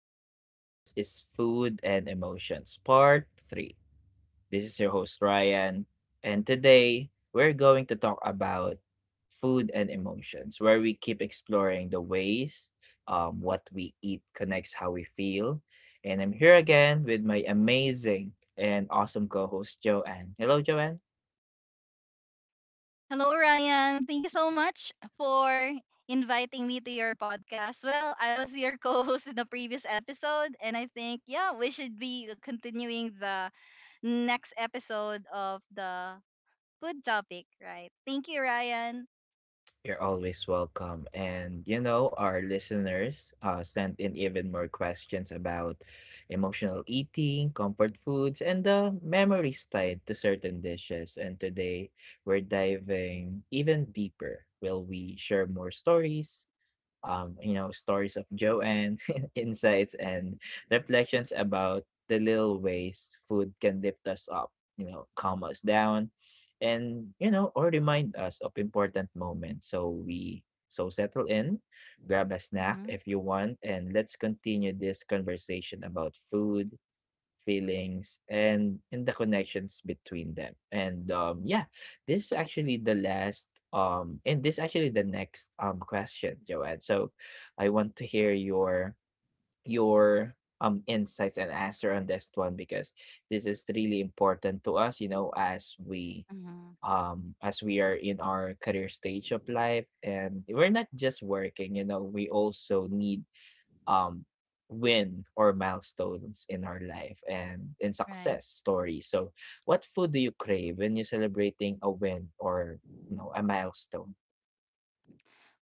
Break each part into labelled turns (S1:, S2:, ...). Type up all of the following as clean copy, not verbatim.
S1: podcast. This is Food and Emotions Part 3. This is your host Ryan, and today we're going to talk about food and emotions, where we keep exploring the ways what we eat connects how we feel. And I'm here again with my amazing and awesome co host, Joanne. Hello, Joanne.
S2: Hello, Ryan. Thank you so much for inviting me to your podcast. Well, I was your co host in the previous episode, and I think, yeah, we should be continuing the next episode of the food topic, right? Thank you, Ryan.
S1: You're always welcome. And you know, our listeners sent in even more questions about emotional eating, comfort foods, and the memories tied to certain dishes. And today we're diving even deeper. Will we share more stories, stories of Joanne, insights, and reflections about the little ways food can lift us up, calm us down, and, or remind us of important moments. So we settle in, grab a snack
S2: Mm-hmm.
S1: if you want, and let's continue this conversation about food, feelings and the connections between them. And Yeah, this is actually the next question, Joanne. So I want to hear your your insights and answer on this one because this is really important to us, you know, as
S2: Mm-hmm.
S1: we are in our career stage of life, and we're not just working. You know, we also need um, win or milestones in our life and in
S2: Right.
S1: success stories. So what food do you crave when you're celebrating a win or, you know, a milestone?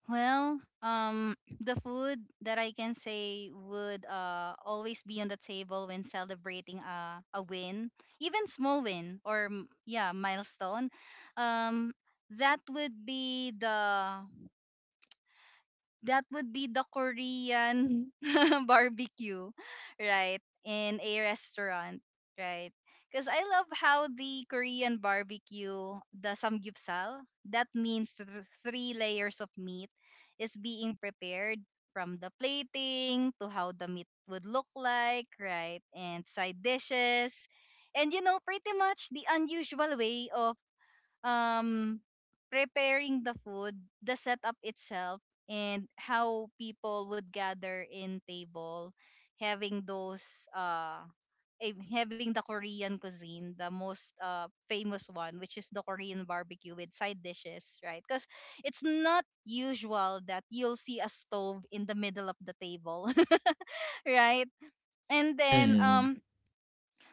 S2: Well, the food that I can say would always be on the table when celebrating a win, even small win or yeah milestone, um, that would be the that would be the Korean barbecue, right? In a restaurant, right? Because I love how the Korean barbecue, the samgyupsal, that means three layers of meat, is being prepared from the plating to how the meat would look like, right? And side dishes. And you know, pretty much the unusual way of um preparing the food, the setup itself, and how people would gather in table, having those uh having the Korean cuisine, the most famous one, which is the Korean barbecue with side dishes, right? Because it's not usual that you'll see a stove in the middle of the table, right? And then
S1: Mhm.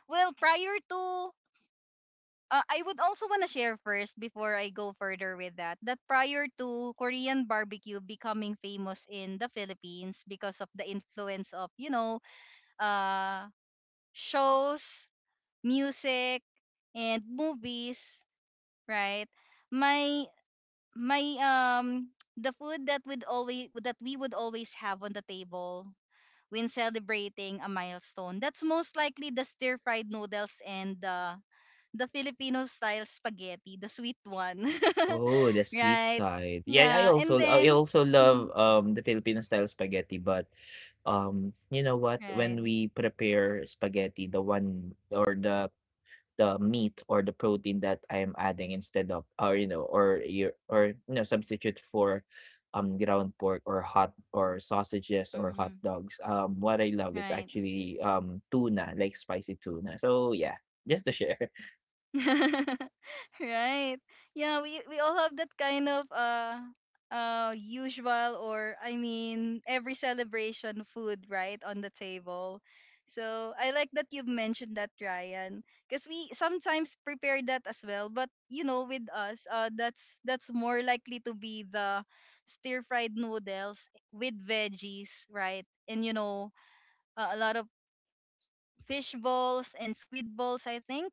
S2: well prior to I would also want to share first before I go further with that prior to Korean barbecue becoming famous in the Philippines because of the influence of you know uh shows, music and movies, right? My my the food that would always that we would always have on the table when celebrating a milestone, that's most likely the stir fried noodles and the Filipino style spaghetti, the sweet one.
S1: Oh, the sweet
S2: Right?
S1: side. Yeah, I
S2: Yeah, and
S1: also
S2: then.
S1: love
S2: Mhm.
S1: the Filipino style spaghetti, but you know what?
S2: Right.
S1: When we prepare spaghetti, the meat or the protein that I am adding instead of, or you know or your or you know substitute for ground pork or hot or sausages or hot
S2: Hmm.
S1: dogs. What I love is
S2: Right.
S1: actually tuna, like spicy tuna. So yeah, just to share.
S2: Right. Yeah, we all have that kind of usual, or I mean every celebration food, right on the table. So I like that you've mentioned that, Ryan, because we sometimes prepare that as well, but you know with us that's more likely to be the stir fried noodles with veggies, right? And you know, a lot of fish balls and squid balls I think,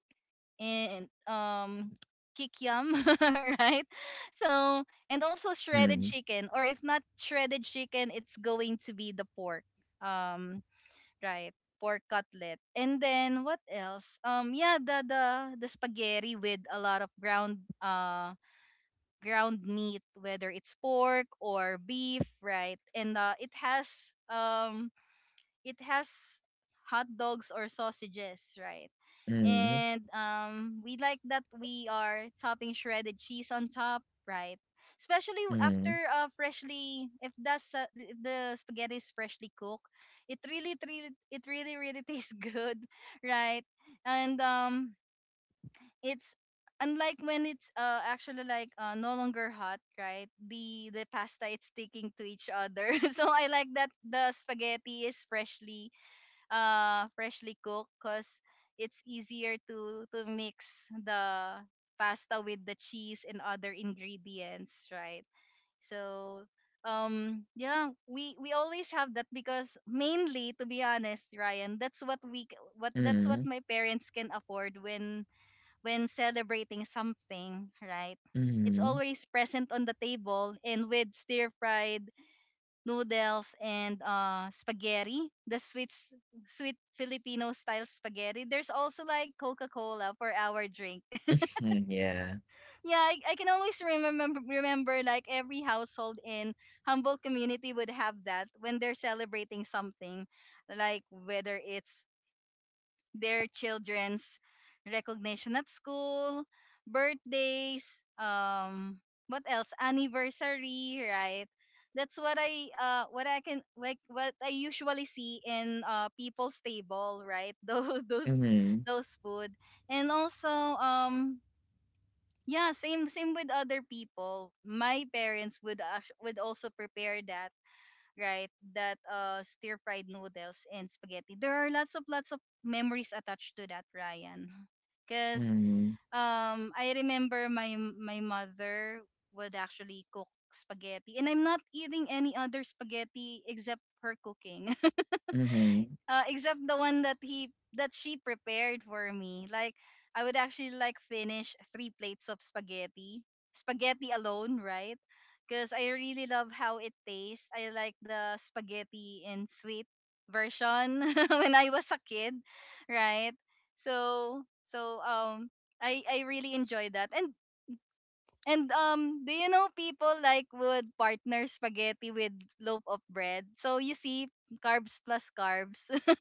S2: and kikiam, right? So, and also shredded
S1: Mm-hmm.
S2: chicken, or if not shredded chicken, it's going to be the pork, um, right? Pork cutlet. And then what else? Yeah, the spaghetti with a lot of ground ground meat, whether it's pork or beef, right? And it has um it has hot dogs or sausages, right? And we like that we are topping shredded cheese on top, right? Especially
S1: Mm-hmm.
S2: after freshly, if that's if the spaghetti is freshly cooked, really tastes good, right? And it's unlike when it's actually like no longer hot, right? The pasta, it's sticking to each other. So I like that the spaghetti is freshly cooked because it's easier to mix the pasta with the cheese and other ingredients, right? So yeah, we always have that because, mainly, to be honest, Ryan, that's what we c- what that's what
S1: Mm-hmm.
S2: my parents can afford when celebrating something, right?
S1: Mm-hmm.
S2: It's
S1: Mm-hmm.
S2: always present on the table, and with stir fried noodles and spaghetti, the sweet sweet Filipino style spaghetti. There's also like Coca-Cola for our drink.
S1: Mm, yeah.
S2: Yeah, I can always remember like every household in humble community would have that when they're celebrating something, like whether it's their children's recognition at school, birthdays, um, what else? Anniversary, right? That's what I can, like what I usually see in people's table, right? Those those
S1: Mm-hmm.
S2: those food. And also um yeah, same with other people. My parents would would also prepare that, right? That stir fried noodles and spaghetti. There are lots of memories attached to that, Ryan. Cause
S1: Mm-hmm.
S2: I remember my mother would actually cook spaghetti, and I'm not eating any other spaghetti except her cooking.
S1: Mm-hmm.
S2: Except the one that he that she prepared for me. Like I would actually like finish three plates of spaghetti, alone, right? Because I really love how it tastes. I like the spaghetti in sweet version when I was a kid, right? So I really enjoy that and. And do you know people like would partner spaghetti with loaf of bread? So you see, carbs plus carbs.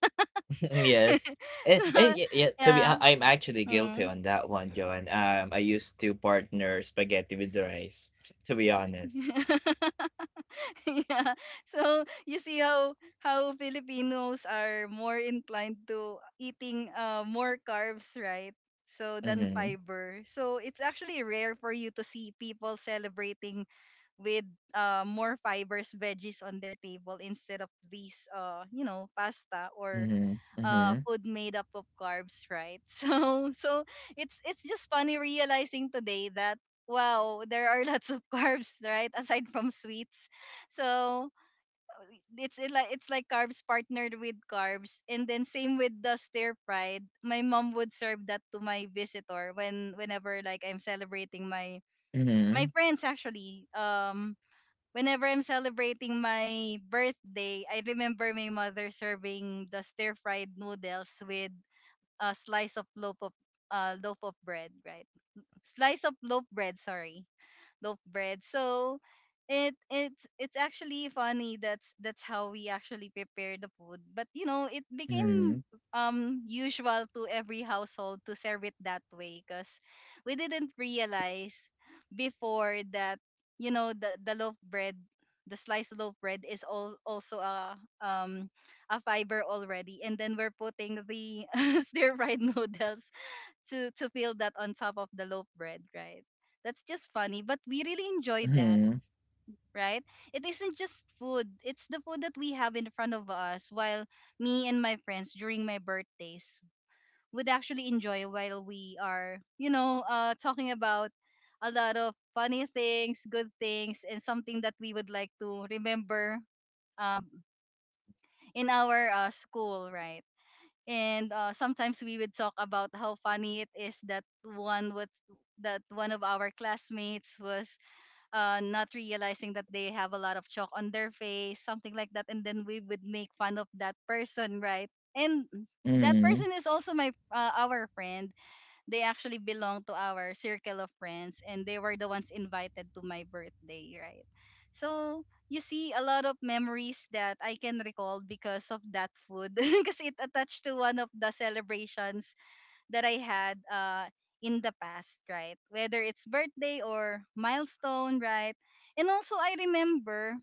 S1: Yes.
S2: So
S1: To be
S2: yeah.
S1: hon- I'm actually guilty
S2: Mm.
S1: on that one, Joan. I used to partner spaghetti with rice, to be honest.
S2: Yeah. So you see how Filipinos are more inclined to eating more carbs, right? So than
S1: Mm-hmm.
S2: fiber. So it's actually rare for you to see people celebrating with more fibers, veggies on their table instead of these you know pasta or
S1: Mm-hmm.
S2: food made up of carbs, right? So so it's just funny realizing today that wow there are lots of carbs, right, aside from sweets. So it's like carbs partnered with carbs. And then same with the stir fried, my mom would serve that to my visitor when whenever like I'm celebrating my my
S1: Mm-hmm.
S2: friends, actually, whenever I'm celebrating my birthday. I remember my mother serving the stir fried noodles with a slice of loaf of loaf of bread, right? Slice of loaf bread, sorry, loaf bread. So it's actually funny, that's how we actually prepare the food. But you know, it
S1: Mm-hmm.
S2: became usual to every household to serve it that way because we didn't realize before that, you know, the sliced loaf bread is all also a um a fiber already, and then we're putting the stir fried noodles to feel that on top of the loaf bread, right? That's just funny, but we really enjoyed that,
S1: Mm-hmm.
S2: right? It isn't just food; it's the food that we have in front of us while me and my friends during my birthdays would actually enjoy while we are, you know, talking about a lot of funny things, good things, and something that we would like to remember um, in our school, right? And sometimes we would talk about how funny it is that one of our classmates was not realizing that they have a lot of chalk on their face, something like that, and then we would make fun of that person, right? And that
S1: Mm-hmm.
S2: person is also my our friend. They actually belong to our circle of friends, and they were the ones invited to my birthday, right? So you see a lot of memories that I can recall because of that food because it attached to one of the celebrations that I had in the past, right? Whether it's birthday or milestone, right? And also I remember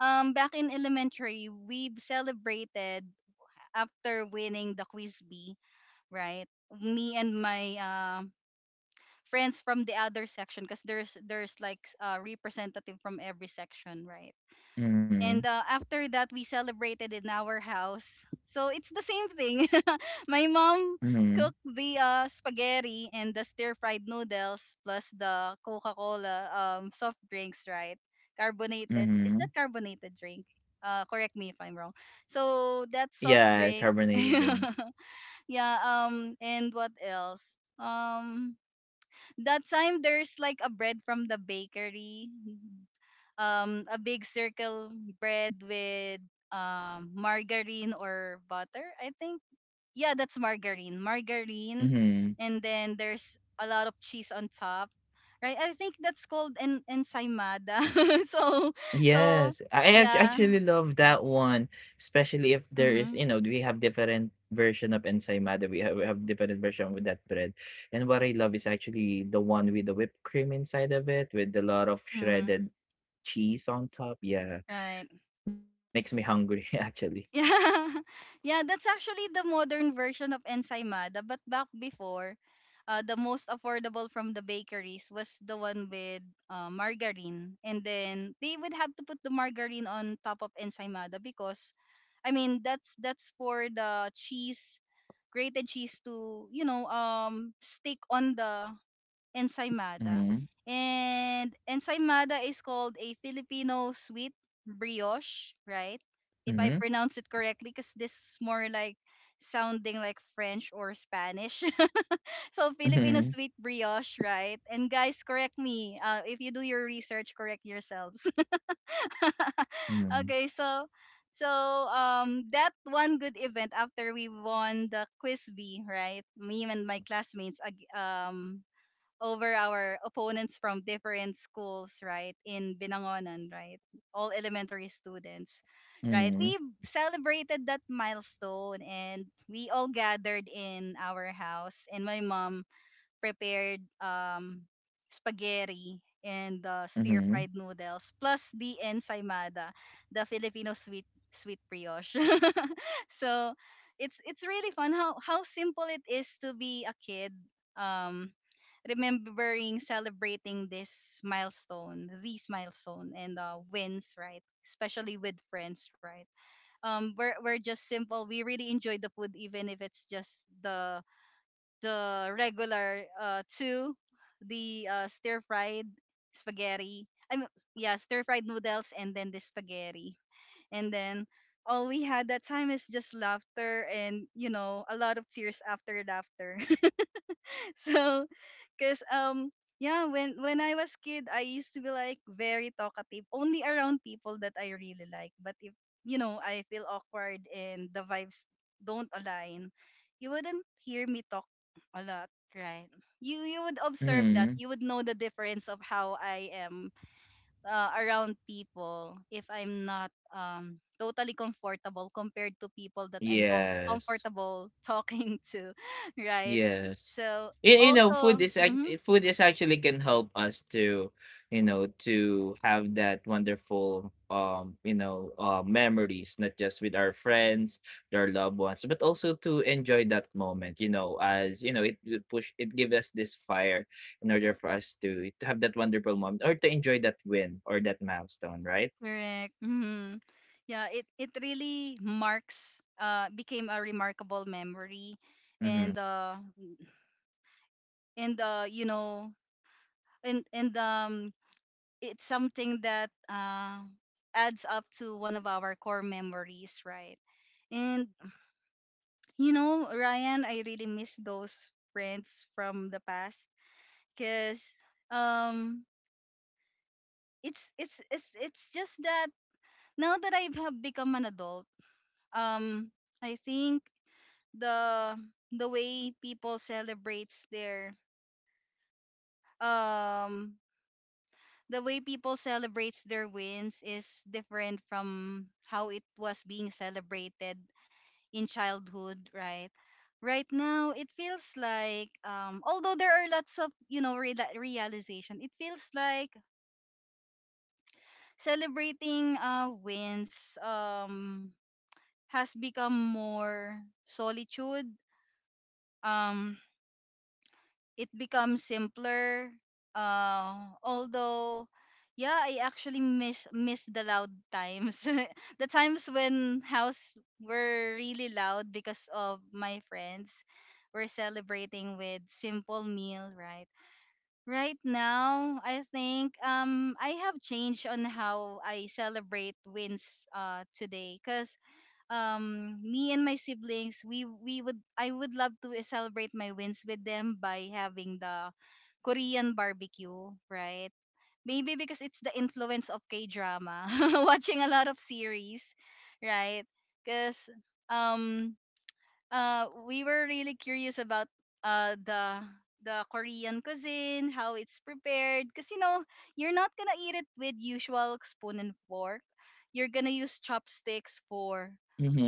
S2: back in elementary we celebrated after winning the quiz bee, right? Me and my friends from the other section, because there's like a representative from every section, right?
S1: Mm-hmm. Mm-hmm.
S2: And after that, we celebrated in our house. So it's the same thing. My mom
S1: Mm-hmm.
S2: cooked the spaghetti and the stir fried noodles plus the Coca Cola soft drinks, right? Carbonated. Is
S1: Mm-hmm.
S2: that carbonated drink? Correct me if I'm wrong. So that soft
S1: Yeah,
S2: drink.
S1: carbonated drink.
S2: Yeah. And what else? That time there's like a bread from the bakery, a big circle bread with margarine or butter, I think. Yeah, that's margarine.
S1: Mm-hmm.
S2: And then there's a lot of cheese on top, right? I think that's called ensaymada. so so
S1: Yes, I ac-
S2: yeah.
S1: actually love that one, especially if there is,
S2: Mhm.
S1: you know, we have different version of ensaymada. We have different version with that bread. And what I love is actually the one with the whipped cream inside of it with a lot of
S2: Mhm.
S1: shredded cheese on top. Yeah,
S2: Right.
S1: makes me hungry actually.
S2: Yeah. Yeah, that's actually the modern version of ensaymada, but back before, the most affordable from the bakeries was the one with margarine. And then they would have to put the margarine on top of ensaymada because I mean, that's for the cheese, grated cheese, to, you know, stick on the
S1: Mhm.
S2: ensaymada. And ensaymada is called a Filipino sweet brioche, right? If
S1: Mhm.
S2: I pronounce it correctly, because this is more like sounding like French or Spanish. So Filipino
S1: Mhm.
S2: sweet brioche, right? And guys, correct me. If you do your research, correct yourselves.
S1: Mhm.
S2: Okay, so so that one good event after we won the quiz bee, right? Me and my classmates over our opponents from different schools, right? In Binangonan, right? All elementary students, right?
S1: Mhm.
S2: We celebrated that milestone and we all gathered in our house, and my mom prepared spaghetti and stir
S1: Mhm.
S2: fried noodles plus the ensaymada, the Filipino sweet brioche. So it's really fun how simple it is to be a kid. um Remembering celebrating this milestone, these milestone and wins, right? Especially with friends, right? We're just simple, we really enjoy the food even if it's just the regular two the stir fried spaghetti, I mean, yeah, stir fried noodles and then the spaghetti. And then all we had that time is just laughter and a lot of tears after laughter. So, cause yeah, when I was kid, I used to be like very talkative, only around people that I really like. But if I feel awkward and the vibes don't align, you wouldn't hear me talk a lot, right? You would observe that.
S1: Mhm.
S2: You would know the difference of how I am around people if I'm not totally comfortable compared to people that I'm
S1: Yes.
S2: comfortable talking to, right?
S1: Yes.
S2: So
S1: You,
S2: also,
S1: food is ac- eh,
S2: mhm.
S1: food is actually can help us to, to have that wonderful memories, not just with our friends, their loved ones, but also to enjoy that moment, you know, as you know, it will push it give us this fire in order for us to have that wonderful moment or to enjoy that win or that milestone, right?
S2: Correct. Yeah, it really marks, became a remarkable memory.
S1: Mm-hmm.
S2: And and you know and it's something that adds up to one of our core memories, right? And you know, Ryan, I really miss those friends from the past, cuz um it's just that now that I have become an adult, um I think the the way people celebrates their um wins is different from how it was being celebrated in childhood, right? Right now it feels like, although there are lots of, you know, realization, it feels like celebrating wins has become more solitude. um it becomes simpler. Although, yeah, I actually miss the loud times, the times when house were really loud because of my friends were celebrating with simple meal, right? Right now, I think I have changed on how I celebrate wins today, cause me and my siblings, we would I would love to, eh, celebrate my wins with them by having the Korean barbecue, right? Maybe because it's the influence of K-drama, watching a lot of series, right? Cuz um we were really curious about uh the the Korean cuisine, how it's prepared. Because you know, you're not gonna eat it with usual spoon and fork. You're gonna use chopsticks for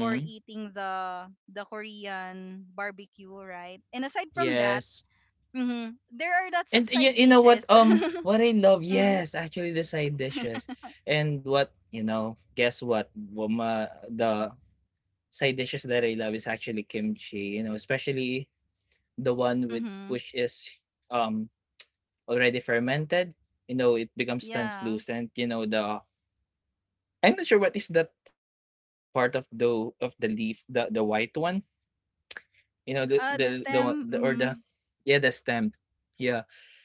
S2: eating the Korean barbecue, right? And aside from that,
S1: Yes.
S2: mhm, there are lots
S1: And
S2: of
S1: you,
S2: side
S1: know
S2: dishes.
S1: what I love,
S2: Mm.
S1: yes, actually the side dishes. And what, you know, guess what? Wama, the side dishes that I love is actually kimchi, you know, especially the one with,
S2: Mm-hmm.
S1: which is um already fermented. You know, it becomes
S2: Yeah.
S1: translucent. You know, the I'm not sure what is that part of the leaf, the white one, you know, the the the,
S2: The
S1: one- the or
S2: stem,
S1: the
S2: mm,
S1: yeah, the stem. Yeah,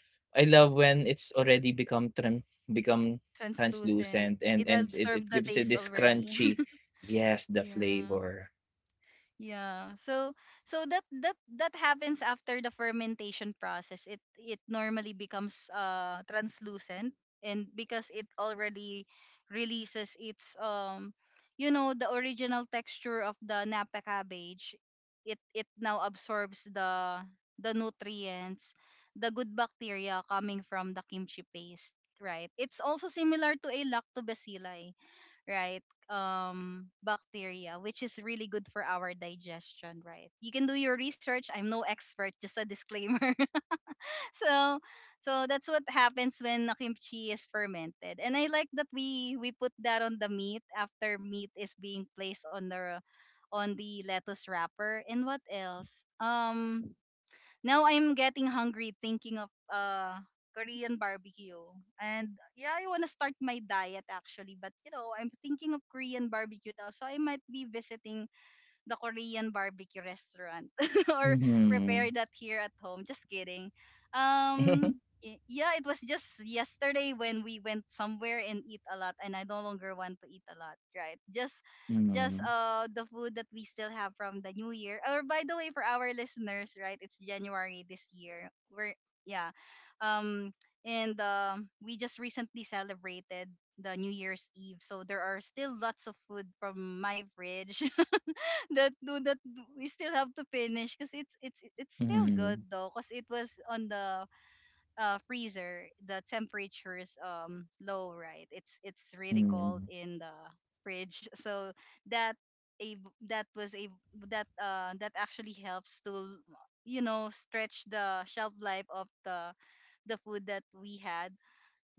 S1: I love when it's already become become
S2: translucent.
S1: translucent, and
S2: It
S1: it, it
S2: absorbed the
S1: gives it
S2: taste
S1: this
S2: already.
S1: crunchy, yes, the
S2: Yeah.
S1: flavor.
S2: Yeah. So that that happens after the fermentation process. It normally becomes translucent, and because it already releases its, you know, the original texture of the napa cabbage, it now absorbs the nutrients, the good bacteria coming from the kimchi paste, right? It's also similar to a lactobacilli, right? Bacteria, which is really good for our digestion, right? You can do your research, I'm no expert, just a disclaimer. So, so that's what happens when the kimchi is fermented, and I like that we put that on the meat after meat is being placed on the lettuce wrapper. And what else, now I'm getting hungry thinking of Korean barbecue. And yeah, I want to start my diet actually, but you know, I'm thinking of Korean barbecue now. So I might be visiting the Korean barbecue restaurant, or prepare
S1: Mhm.
S2: that here at home. Just kidding.
S1: Mhm.
S2: Um, yeah, it was just yesterday when we went somewhere and eat a lot, and I no longer want to eat a lot, right? Just the food that we still have from the new year. Or by the way, for our listeners, right? It's January this year. We're, yeah. Um and We just recently celebrated the New Year's Eve. So there are still lots of food from my fridge that we still have to finish, because it's still good
S1: Mhm.
S2: though, because it was on the, freezer. The temperature is, low, right? It's really cold
S1: Mhm.
S2: in the fridge. So that a that was a that that actually helps to, you know, stretch the shelf life of the food that we had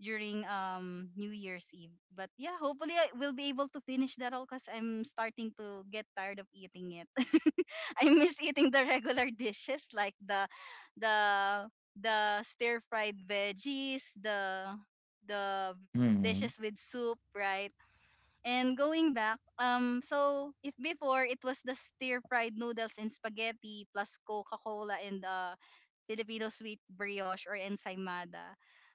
S2: during, New Year's Eve. But yeah, hopefully I will be able to finish that all, because I'm starting to get tired of eating it. I miss eating the regular dishes, like the the stir fried veggies, the
S1: Mhm.
S2: dishes with soup, right? And going back, so if before it was the stir fried noodles and spaghetti plus Coca Cola and, uh, Filipino sweet brioche or ensaymada.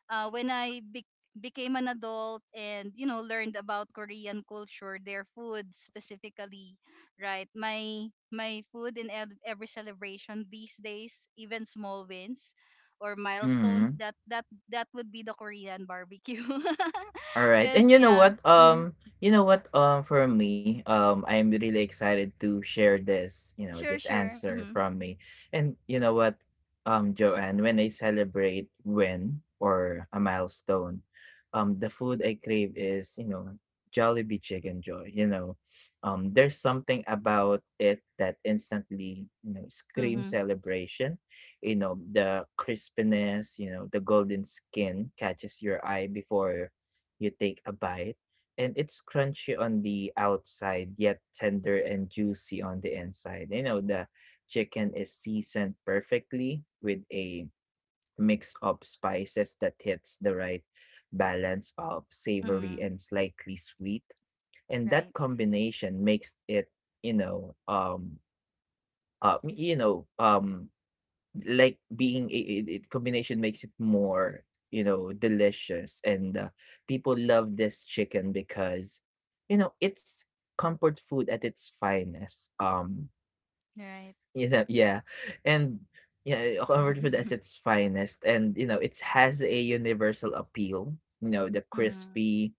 S2: When I became an adult and, you know, learned about Korean culture, their food specifically, right? My food in every celebration these days, even small wins or milestones,
S1: Mhm.
S2: that would be the Korean barbecue.
S1: All right. And
S2: Cause
S1: you know
S2: yeah,
S1: what?
S2: mhm.
S1: You know what? For me, I'm really excited to share this, you know,
S2: Sure,
S1: this
S2: sure,
S1: answer
S2: mm-hmm.
S1: from me. And you know what, Joanne, when I celebrate win or a milestone, the food I crave is, you know, Jollibee Chicken Joy. You know, there's something about it that instantly, you know, scream
S2: Mm-hmm.
S1: celebration. You know, the crispiness, you know, the golden skin catches your eye before you take a bite, and it's crunchy on the outside, yet tender and juicy on the inside. You know, the chicken is seasoned perfectly with a mix of spices that hits the right balance of savory
S2: Mm-hmm.
S1: and slightly sweet. And that
S2: Right,
S1: combination makes it, you know, um, you know, like being it, it, it combination makes it more, you know, delicious. And people love this chicken because, you know, it's comfort food at its finest. Um
S2: right.
S1: you know Yeah, and yeah, comfort food at its finest. And you know, it has a universal appeal. You know, the
S2: Mm-hmm.
S1: crispy,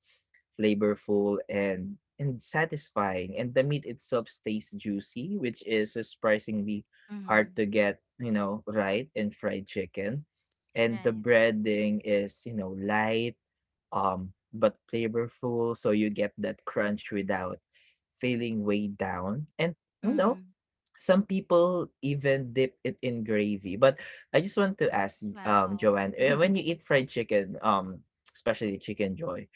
S1: flavorful, and satisfying. And the meat itself stays juicy, which is surprisingly hard
S2: Mm-hmm.
S1: to get, you know, right in fried chicken. And the
S2: Right.
S1: breading is, you know, light, but flavorful, so you get that crunch without feeling weighed down. And you know,
S2: Mm-hmm.
S1: some people even dip it in gravy. But I just want to ask,
S2: Wow.
S1: Joanne, eh, when you eat fried chicken, especially chicken joy,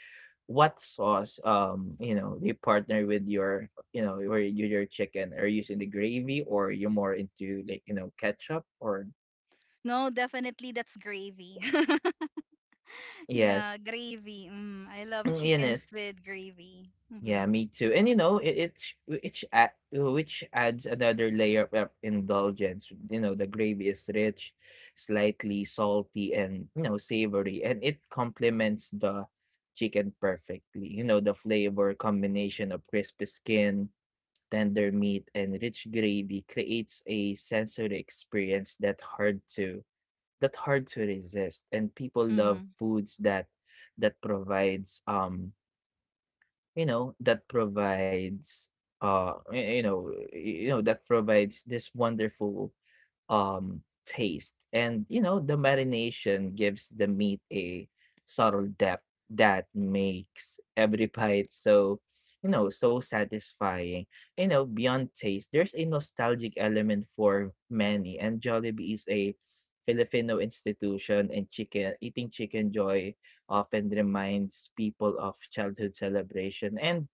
S1: what sauce, you know, you partner with your, you know, or your chicken? Are you using the gravy, or you're more into like, you know, ketchup or
S2: No, definitely that's gravy.
S1: yes?
S2: Yeah, gravy. Mm, I love
S1: Mm,
S2: chickens
S1: yes,
S2: with gravy.
S1: yeah,
S2: Hmm.
S1: me too. And you know, it, it's which add, which adds another layer of indulgence. You know, the gravy is rich, slightly salty, and, you know, savory, and it complements the chicken perfectly. You know, the flavor combination of crispy skin, tender meat, and rich gravy creates a sensory experience that hard to resist. And people love
S2: Mm.
S1: foods that provides you know that provides, that provides this wonderful taste. And you know, the marination gives the meat a subtle depth that makes every bite so, you know, so satisfying. You know, beyond taste, there's a nostalgic element for many, and Jollibee is a Filipino institution, and chicken, eating chicken joy often reminds people of childhood celebration and,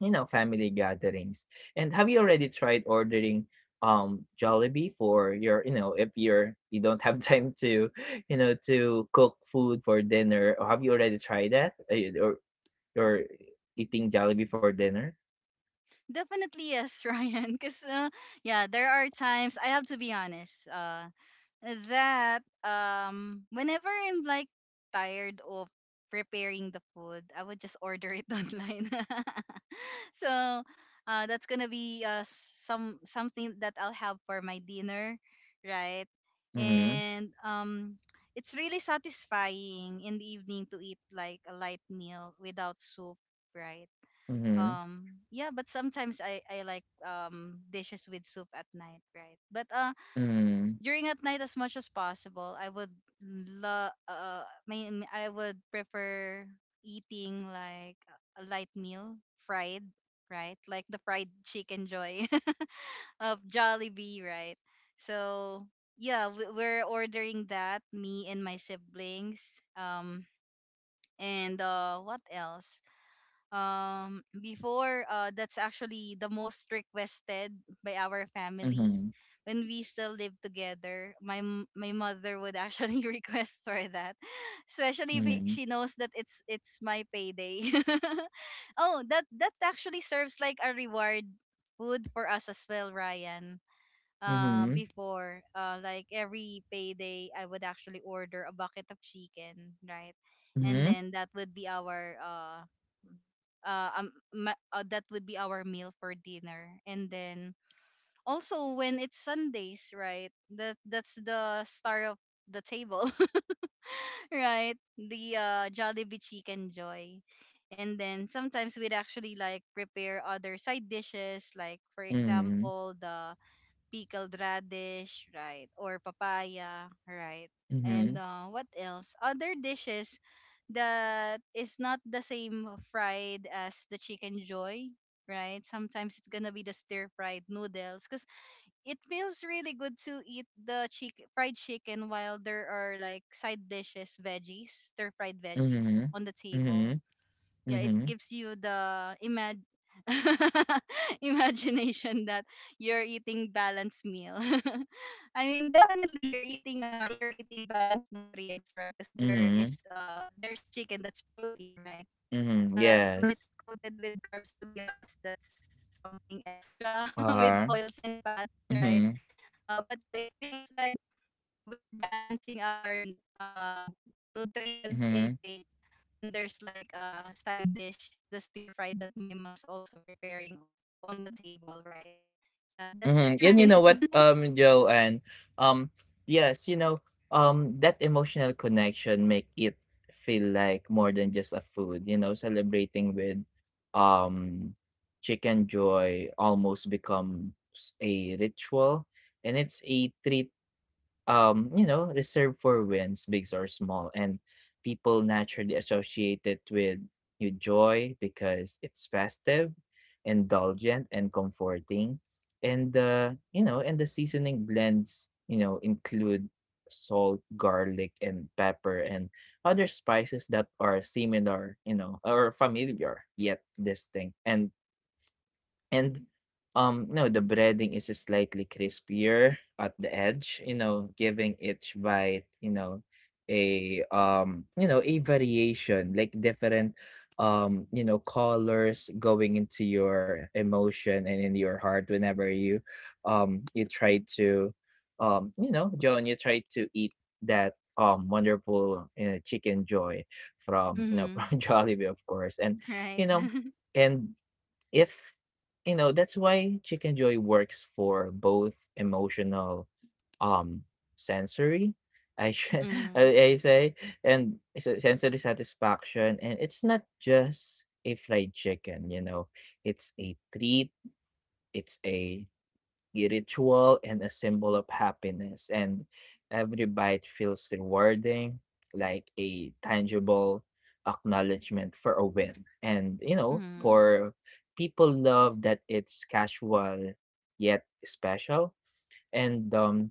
S1: you know, family gatherings. And have you already tried ordering Jollibee for your, you know, if you're, you don't have time to, you know, to cook food for dinner? Or have you already tried that? Eh, or or eating Jollibee for dinner?
S2: Definitely yes, Ryan. Because yeah, there are times I have to be honest. That whenever I'm like tired of preparing the food, I would just order it online. So, that's gonna be something that I'll have for my dinner, right?
S1: Mhm.
S2: And it's really satisfying in the evening to eat like a light meal without soup, right?
S1: Mhm.
S2: Um, yeah, but sometimes I like dishes with soup at night, right? But
S1: Mhm.
S2: during at night, as much as possible, I would I would prefer eating like a light meal, fried, right? Like the fried chicken joy of Jollibee, right? So yeah, we're ordering that, me and my siblings. Um and what else? Before, that's actually the most requested by our family.
S1: Mhm.
S2: When we still live together, my my mother would actually request for that, especially if she knows that it's my payday. Oh, that actually serves like a reward food for us as well, Ryan. Uh,
S1: Mhm.
S2: before, like every payday, I would actually order a bucket of chicken, right? And
S1: Mhm.
S2: then that would be our that would be our meal for dinner. And then also when it's Sundays, right? That's the star of the table, right? The, Jollibee Chicken Joy. And then sometimes we'd actually like prepare other side dishes, like for
S1: Mhm.
S2: example the pickled radish, right? Or papaya, right?
S1: Mhm.
S2: And, what else? Other dishes that is not the same fried as the chicken joy, right? Sometimes it's gonna be the stir fried noodles, because it feels really good to eat the fried chicken while there are like side dishes, veggies, stir fried veggies
S1: Mhm.
S2: on the table.
S1: Mhm. Mhm.
S2: Yeah, it
S1: Mhm.
S2: gives you the imag imagination that you're eating balanced meal. I mean definitely you're eating, you're eating balanced nutrients, right? Because there is,
S1: Mhm,
S2: there's chicken, that's protein, right?
S1: mhm,
S2: But when
S1: yes.
S2: it's coated with carbs, to be honest, that's something extra with
S1: Uh-huh,
S2: oils and fats, right?
S1: mhm,
S2: Uh, but yeah, it feels like we're balancing our nutrients
S1: mhm,
S2: intake when there's like a side dish, the stir fry that my mom's also preparing on the table, right? Yeah,
S1: mhm,
S2: that's it,
S1: and you know
S2: Ryan.
S1: what, Joe, and, um, yes, you know, that emotional connection make it feel like more than just a food. You know, celebrating with, um, Chicken Joy, almost becomes a ritual, and it's a treat, you know, reserved for wins, big or small, and people naturally associate it with, joy because it's festive, indulgent, and comforting. And you know, and the seasoning blends, you know, include salt, garlic, and pepper, and other spices that are similar, you know, or familiar yet distinct. And, no, the breading is slightly crispier at the edge, you know, giving each bite, you know, a, you know, a variation, like different, you know, colors going into your emotion and in your heart whenever you, you try to, you know, John, you try to eat that, wonderful, you know, chicken joy from, you know,
S2: Mm-hmm.
S1: from Jollibee, of course. And
S2: Right.
S1: you know, and if that's why Chicken Joy works for both emotional, um, sensory, I should
S2: Mm-hmm.
S1: I I say, and se sensory satisfaction. And it's not just a fried chicken. You know, it's a treat, it's a ritual and a symbol of happiness. And every bite feels rewarding, like a tangible acknowledgement for a win. And you know,
S2: Mm-hmm.
S1: for people love that it's casual yet special. And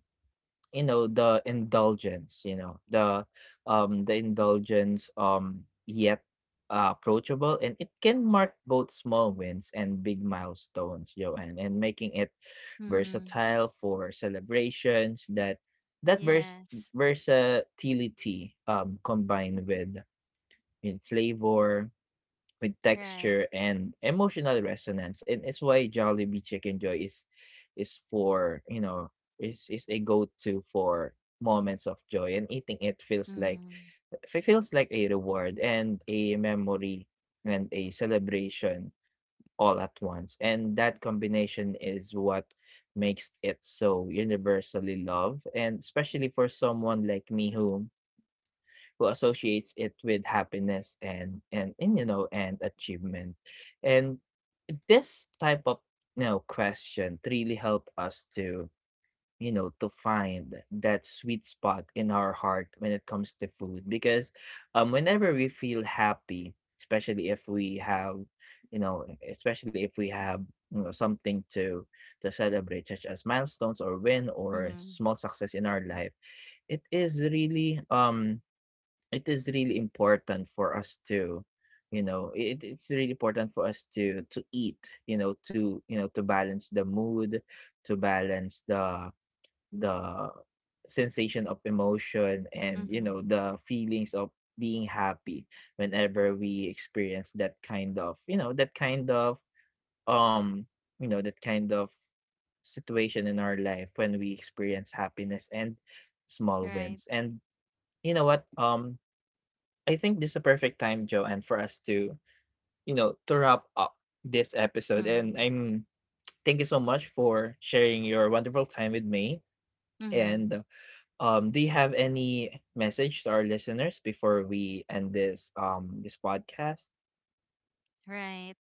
S1: you know, the indulgence, you know, the indulgence yet approachable, and it can mark both small wins and big milestones, Joanne, and making it
S2: Mm-hmm.
S1: versatile for celebrations that, that vers-
S2: Yes.
S1: versatility, combined with in flavor, with
S2: Right.
S1: texture and emotional resonance. And it's why Jollibee Chicken Joy is for you know is a go-to for moments of joy, and eating it feels like,
S2: Mm-hmm.
S1: a reward and a memory and a celebration all at once, and that combination is what makes it so universally loved, and especially for someone like me who, associates it with happiness and you know, and achievement. And this type of, you know, question really help us to, you know, to find that sweet spot in our heart when it comes to food, because, whenever we feel happy, especially if we have you know especially if we have, you know, something to celebrate, such as milestones or win or
S2: Mm-hmm.
S1: small success in our life, it is really, it is really important for us to, you know, it's really important for us to eat, you know, to, you know, to balance the mood, to balance the, the sensation of emotion, and you know,
S2: Mm-hmm.
S1: the feelings of being happy whenever we experience that kind of, um that kind of situation in our life when we experience happiness and small
S2: Right.
S1: wins. And you know what, I think this is a perfect time, Joanne, for us to, you know, to wrap up this episode. And
S2: Mm-hmm.
S1: I'm Thank you so much for sharing your wonderful time with me.
S2: Mm-hmm.
S1: And do you have any message to our listeners before we end this, this podcast?
S2: Right.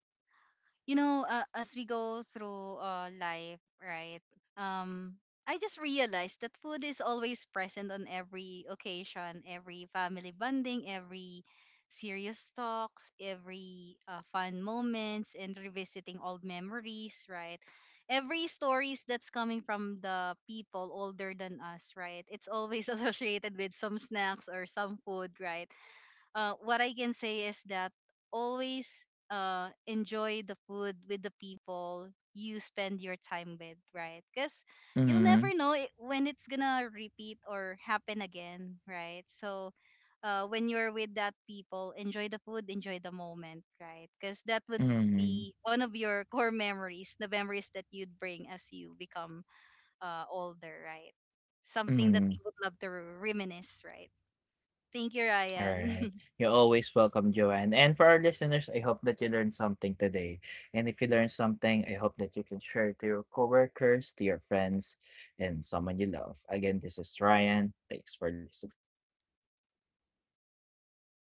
S2: You know, as we go through, life, right? Um, I just realized that food is always present on every occasion, every family bonding, every serious talks, every, fun moments, and revisiting old memories, right? Every stories that's coming from the people older than us, right? It's always associated with some snacks or some food, right? Uh, what I can say is that always, enjoy the food with the people you spend your time with, right? Because you'll
S1: Mm-hmm.
S2: never know it, when it's gonna repeat or happen again, right? So, when you're with that people, enjoy the food, enjoy the moment, right? Because that would
S1: Mm-hmm.
S2: be one of your core memories, the memories that you'd bring as you become, older, right? Something that
S1: Mm-hmm.
S2: we would love to reminisce, right? Thank you,
S1: All right.
S2: Ryan.
S1: You're always welcome, Joanne. And for our listeners, I hope that you learned something today. And if you learned something, I hope that you can share it to your coworkers, to your friends, and someone you love. Again, this is Ryan. Thanks for listening.